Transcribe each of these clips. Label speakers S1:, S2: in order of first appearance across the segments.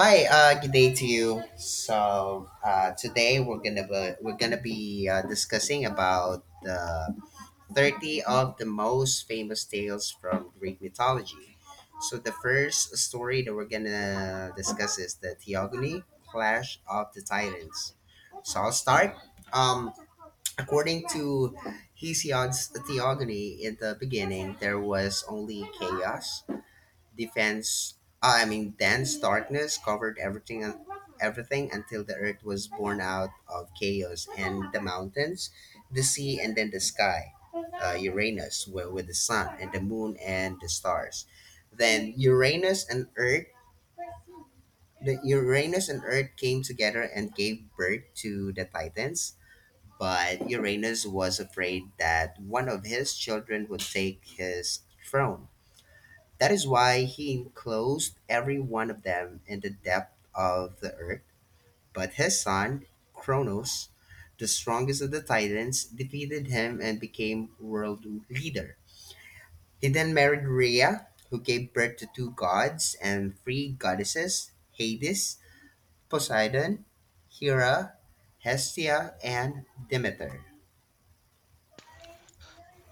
S1: Hi, good day to you. So today we're gonna be discussing about the 30 of the most famous tales from Greek mythology. So the first story that we're gonna discuss is the Theogony Clash of the Titans. So I'll start. Um, According to Hesiod's Theogony, in the beginning there was only chaos defense I mean dense darkness covered everything until the earth was born out of chaos, and the mountains, the sea, and then the sky, Uranus with the sun and the moon and the stars. Then Uranus and Earth came together and gave birth to the Titans. But Uranus was afraid that one of his children would take his throne. That is why he enclosed every one of them in the depth of the earth. But his son, Cronos, the strongest of the Titans, defeated him and became world leader. He then married Rhea, who gave birth to two gods and three goddesses: Hades, Poseidon, Hera, Hestia, and Demeter.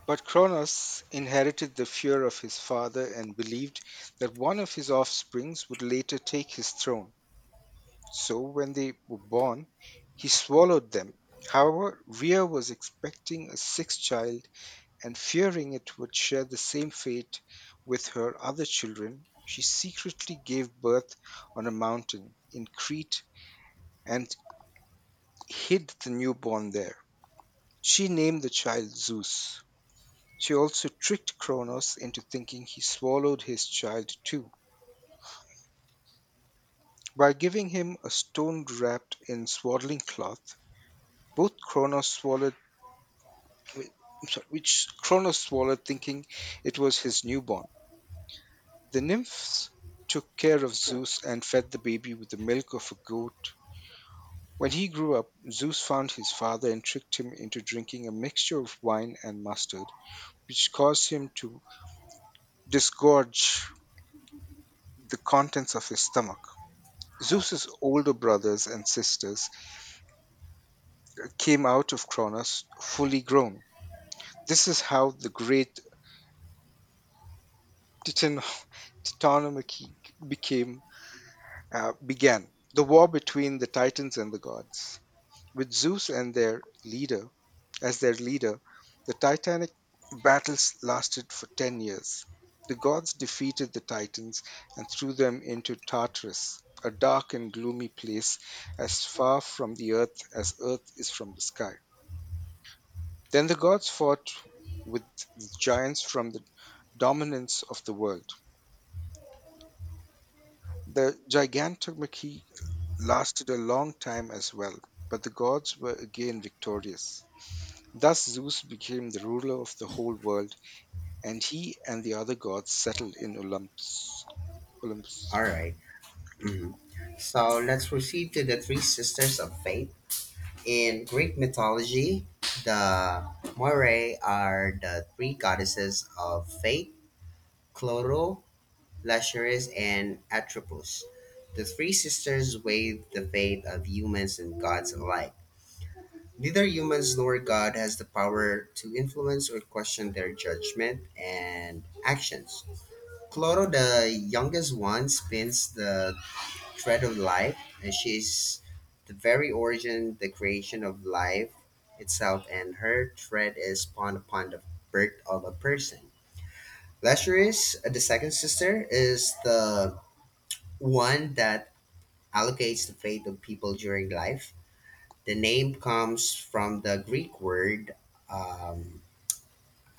S2: But Cronos inherited the fear of his father and believed that one of his offspring would later take his throne. So when they were born, he swallowed them. However, Rhea was expecting a sixth child and fearing it would share the same fate with her other children, she secretly gave birth on a mountain in Crete and hid the newborn there. She named the child Zeus. She also tricked Kronos into thinking he swallowed his child too. By giving him a stone wrapped in swaddling cloth, both Kronos swallowed, wi- which Kronos swallowed thinking it was his newborn. The nymphs took care of Zeus and fed the baby with the milk of a goat. When he grew up, Zeus found his father and tricked him into drinking a mixture of wine and mustard, which caused him to disgorge the contents of his stomach. Zeus's older brothers and sisters came out of Kronos fully grown. This is how the great Titan Titanomachy became began. The war between the Titans and the gods. With Zeus and their leader as their leader, the Titanic battles lasted for 10 years. The gods defeated the Titans and threw them into Tartarus, a dark and gloomy place as far from the earth as earth is from the sky. Then the gods fought with the giants from the dominance of the world. The gigantomachy lasted a long time as well, but the gods were again victorious. Thus Zeus became the ruler of the whole world, and he and the other gods settled in Olympus.
S1: All right. Mhm. So let's proceed to the three sisters of fate. In Greek mythology, the Moirai are the three goddesses of fate: Cloro, Lachesis, and Atropos. The three sisters weigh the fate of humans and gods alike. Neither humans nor God has the power to influence or question their judgment and actions. Cloro, the youngest one, spins the thread of life. And she's the very origin, the creation of life itself, and her thread is spawned upon the birth of a person. Lazarus, the second sister, is the one that allocates the fate of people during life. The name comes from the Greek word. Um,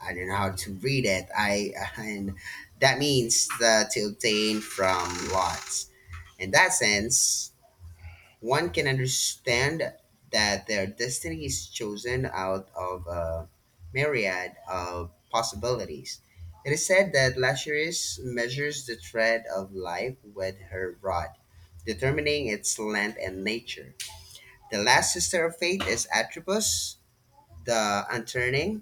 S1: I don't know how to read it. I and that means the, to obtain from lots. In that sense, one can understand that their destiny is chosen out of a myriad of possibilities. It is said that Lazarus measures the thread of life with her rod, determining its length and nature. The last sister of fate is Atropos, the unturning.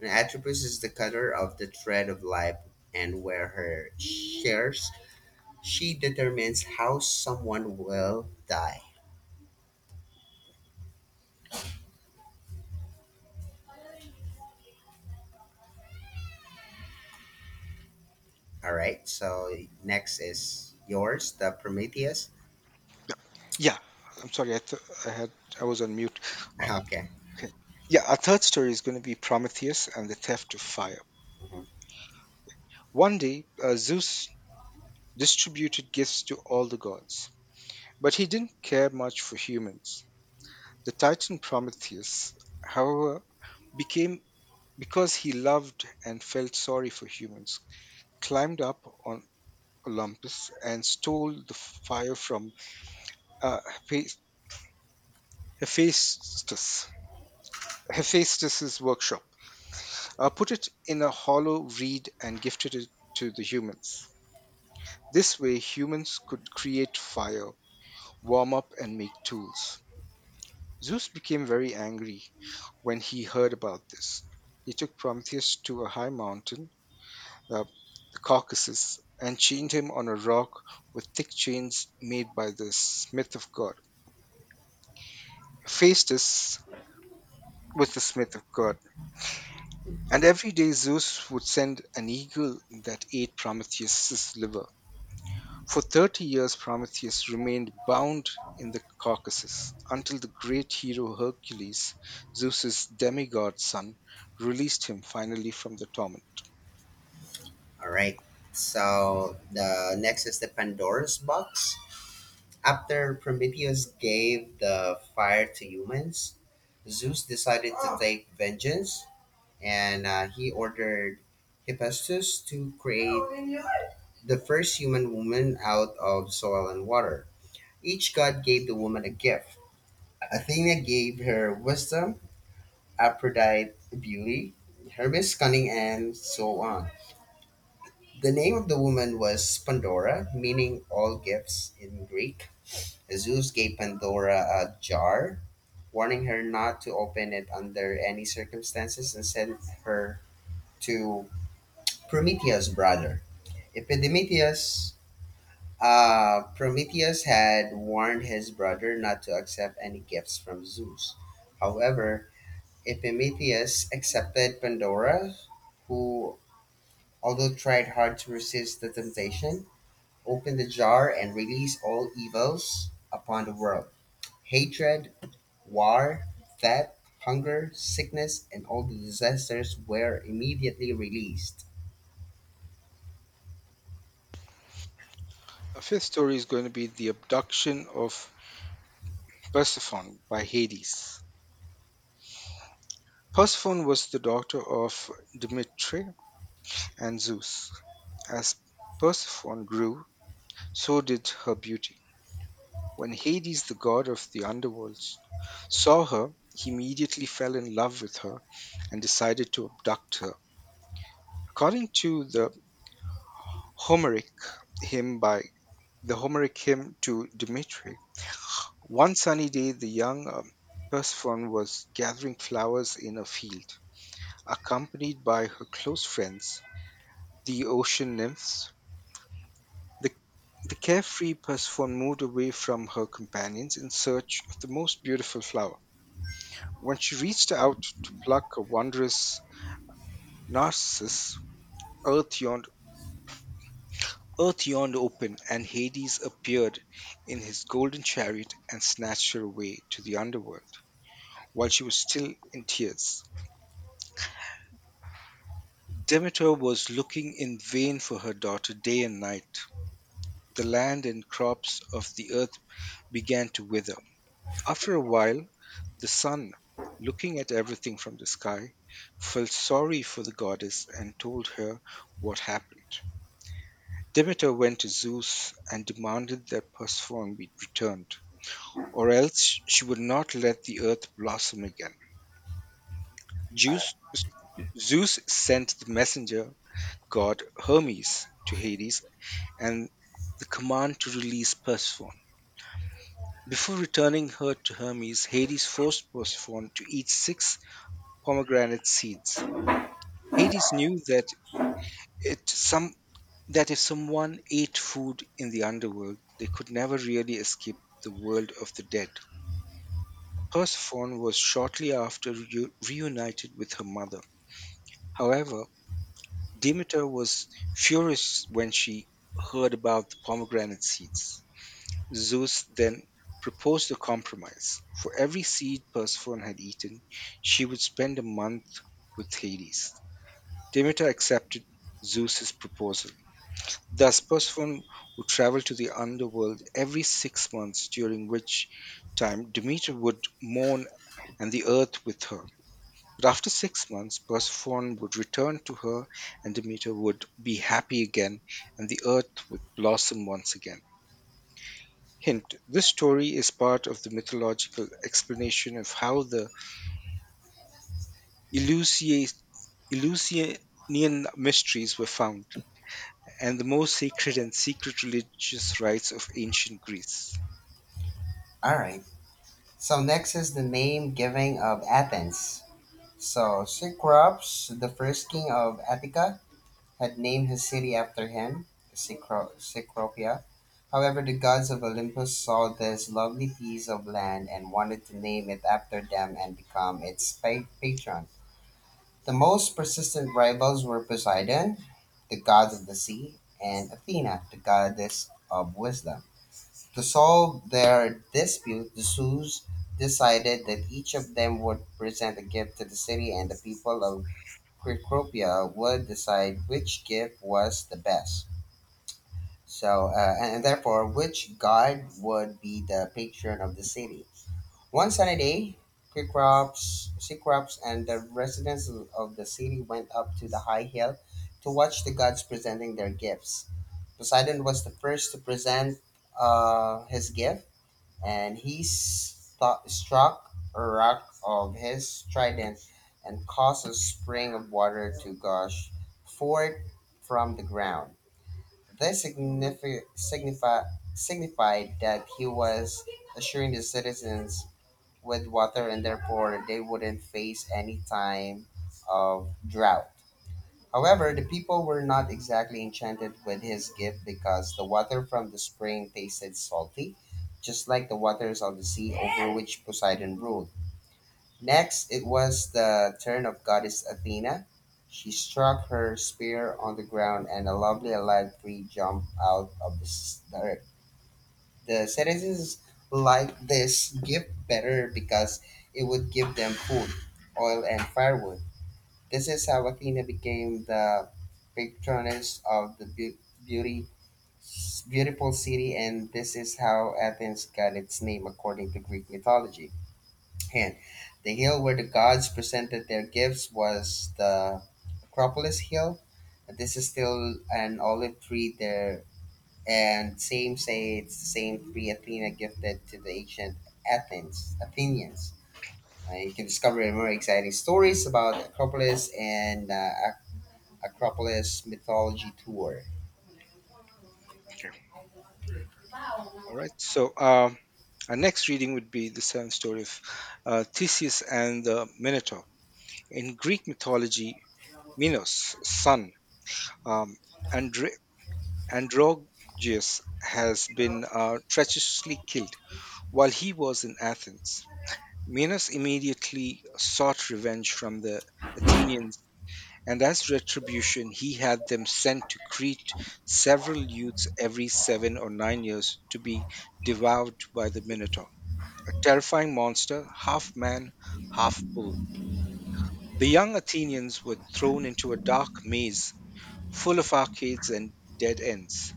S1: And Atropos is the cutter of the thread of life, and where her shares, she determines how someone will die. All right. So next is yours, the Prometheus.
S2: Yeah, I'm sorry, I, th- I had I was on mute. Uh,
S1: Okay.
S2: okay. Yeah, our third story is going to be Prometheus and the theft of fire. One day, Zeus distributed gifts to all the gods. But he didn't care much for humans. The titan Prometheus, however, became because he loved and felt sorry for humans, climbed up on Olympus and stole the fire from uh, Hepha- Hephaestus. Hephaestus's workshop, put it in a hollow reed and gifted it to the humans. This way, humans could create fire, warm up, and make tools. Zeus became very angry when he heard about this. He took Prometheus to a high mountain, uh, the Caucasus, and chained him on a rock with thick chains made by the smith of God. Phaestus was the smith of God, and every day Zeus would send an eagle that ate Prometheus's liver. For 30 years, Prometheus remained bound in the Caucasus until the great hero Hercules, Zeus's demigod son, released him finally from the torment.
S1: All right. So the next is the Pandora's box. After Prometheus gave the fire to humans, Zeus decided to take vengeance, and he ordered Hephaestus to create the first human woman out of soil and water. Each god gave the woman a gift. Athena gave her wisdom, Aphrodite beauty, Hermes cunning, and so on. The name of the woman was Pandora, meaning all gifts in Greek. Zeus gave Pandora a jar, warning her not to open it under any circumstances, and sent her to Prometheus' brother, Epimetheus. Prometheus had warned his brother not to accept any gifts from Zeus. However, Epimetheus accepted Pandora, who, although tried hard to resist the temptation, opened the jar and released all evils upon the world: hatred, war, theft, hunger, sickness, and all the disasters were immediately released.
S2: A fifth story is going to be the abduction of Persephone by Hades. Persephone was the daughter of Demeter and Zeus. As Persephone grew, so did her beauty. When Hades, the god of the underworld, saw her, he immediately fell in love with her and decided to abduct her. According to the Homeric hymn by the Homeric hymn to Dimitri, one sunny day the young Persephone was gathering flowers in a field, accompanied by her close friends, the ocean nymphs. The, the carefree Persephone moved away from her companions in search of the most beautiful flower. When she reached out to pluck a wondrous narcissus, earth yawned, earth yawned open, and Hades appeared in his golden chariot and snatched her away to the underworld while she was still in tears. Demeter was looking in vain for her daughter day and night. The land and crops of the earth began to wither. After a while, the sun, looking at everything from the sky, felt sorry for the goddess and told her what happened. Demeter went to Zeus and demanded that Persephone be returned, or else she would not let the earth blossom again. Zeus, Zeus sent the messenger god Hermes to Hades and the command to release Persephone. Before returning her to Hermes, Hades forced Persephone to eat six pomegranate seeds. Hades knew that it some that if someone ate food in the underworld, they could never really escape the world of the dead. Persephone was shortly after reunited with her mother. However, Demeter was furious when she heard about the pomegranate seeds. Zeus then proposed a compromise. For every seed Persephone had eaten, she would spend a month with Hades. Demeter accepted Zeus's proposal. Thus, Persephone would travel to the underworld every 6 months, during which time Demeter would mourn and the earth with her. But after 6 months, Persephone would return to her, and Demeter would be happy again, and the earth would blossom once again. Hint this story is part of the mythological explanation of how the Eleusi- Eleusinian mysteries were found and the most sacred and secret religious rites of ancient Greece.
S1: All right. So next is the name giving of Athens. So Cecrops, the first king of Attica, had named his city after him, Cecropia. However, the gods of Olympus saw this lovely piece of land and wanted to name it after them and become its patron. The most persistent rivals were Poseidon, the god of the sea, and Athena, the goddess of wisdom. To solve their dispute, the Zeus decided that each of them would present a gift to the city, and the people of Cecropia would decide which gift was the best. So, and therefore, which god would be the patron of the city. One sunny day, Cecrops and the residents of the city went up to the high hill to watch the gods presenting their gifts. Poseidon was the first to present his gift, and he stu struck a rock of his trident and caused a spring of water to gush forth from the ground. This signified that he was assuring the citizens with water in their port they wouldn't face any time of drought. However, the people were not exactly enchanted with his gift because the water from the spring tasted salty, just like the waters of the sea over which Poseidon ruled. Next, it was the turn of goddess Athena. She struck her spear on the ground, and a lovely alive tree jumped out of the earth. The citizens liked this gift better because it would give them food, oil, and firewood. This is how Athena became the patroness of the beauty, beautiful city, and this is how Athens got its name according to Greek mythology. And the hill where the gods presented their gifts was the Acropolis Hill. This is still an olive tree there, and same say it's the same tree Athena gifted to the ancient Athens Athenians. You can discover more exciting stories about Acropolis and Acropolis Mythology Tour.
S2: Okay. All right. So, our next reading would be the seventh story of Theseus and the Minotaur. In Greek mythology, Minos' son, um, Andre- Androgeus, has been treacherously killed while he was in Athens. Minos immediately sought revenge from the Athenians, and as retribution, he had them sent to Crete several youths every 7 or 9 years to be devoured by the Minotaur, a terrifying monster, half man, half bull. The young Athenians were thrown into a dark maze full of arcades and dead ends,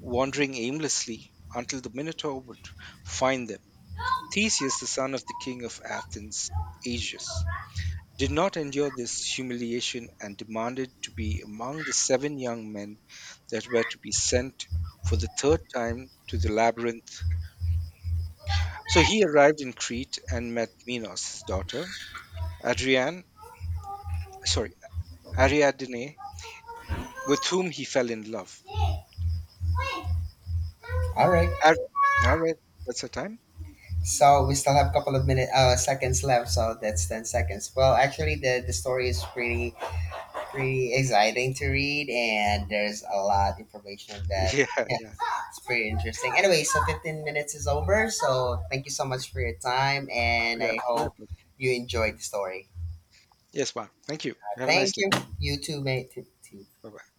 S2: wandering aimlessly until the Minotaur would find them. Theseus, the son of the king of Athens, Aegeus, did not endure this humiliation and demanded to be among the seven young men that were to be sent for the third time to the labyrinth. So he arrived in Crete and met Minos, his daughter, Adrian, sorry, Ariadne, with whom he fell in love.
S1: All right.
S2: Ar- all right, that's the time.
S1: So we still have a couple of seconds left. So that's 10 seconds. Well, actually, the story is pretty exciting to read, and there's a lot of information that,
S2: Yeah,
S1: yeah,
S2: yeah.
S1: it's pretty interesting. Anyway, so 15 minutes is over. So thank you so much for your time, and
S2: Yeah,
S1: I hope
S2: likewise.
S1: you enjoyed the story.
S2: Yes, Juan. Thank you. Have a nice
S1: Thank
S2: day.
S1: you. You too, mate. T too.
S2: Bye bye.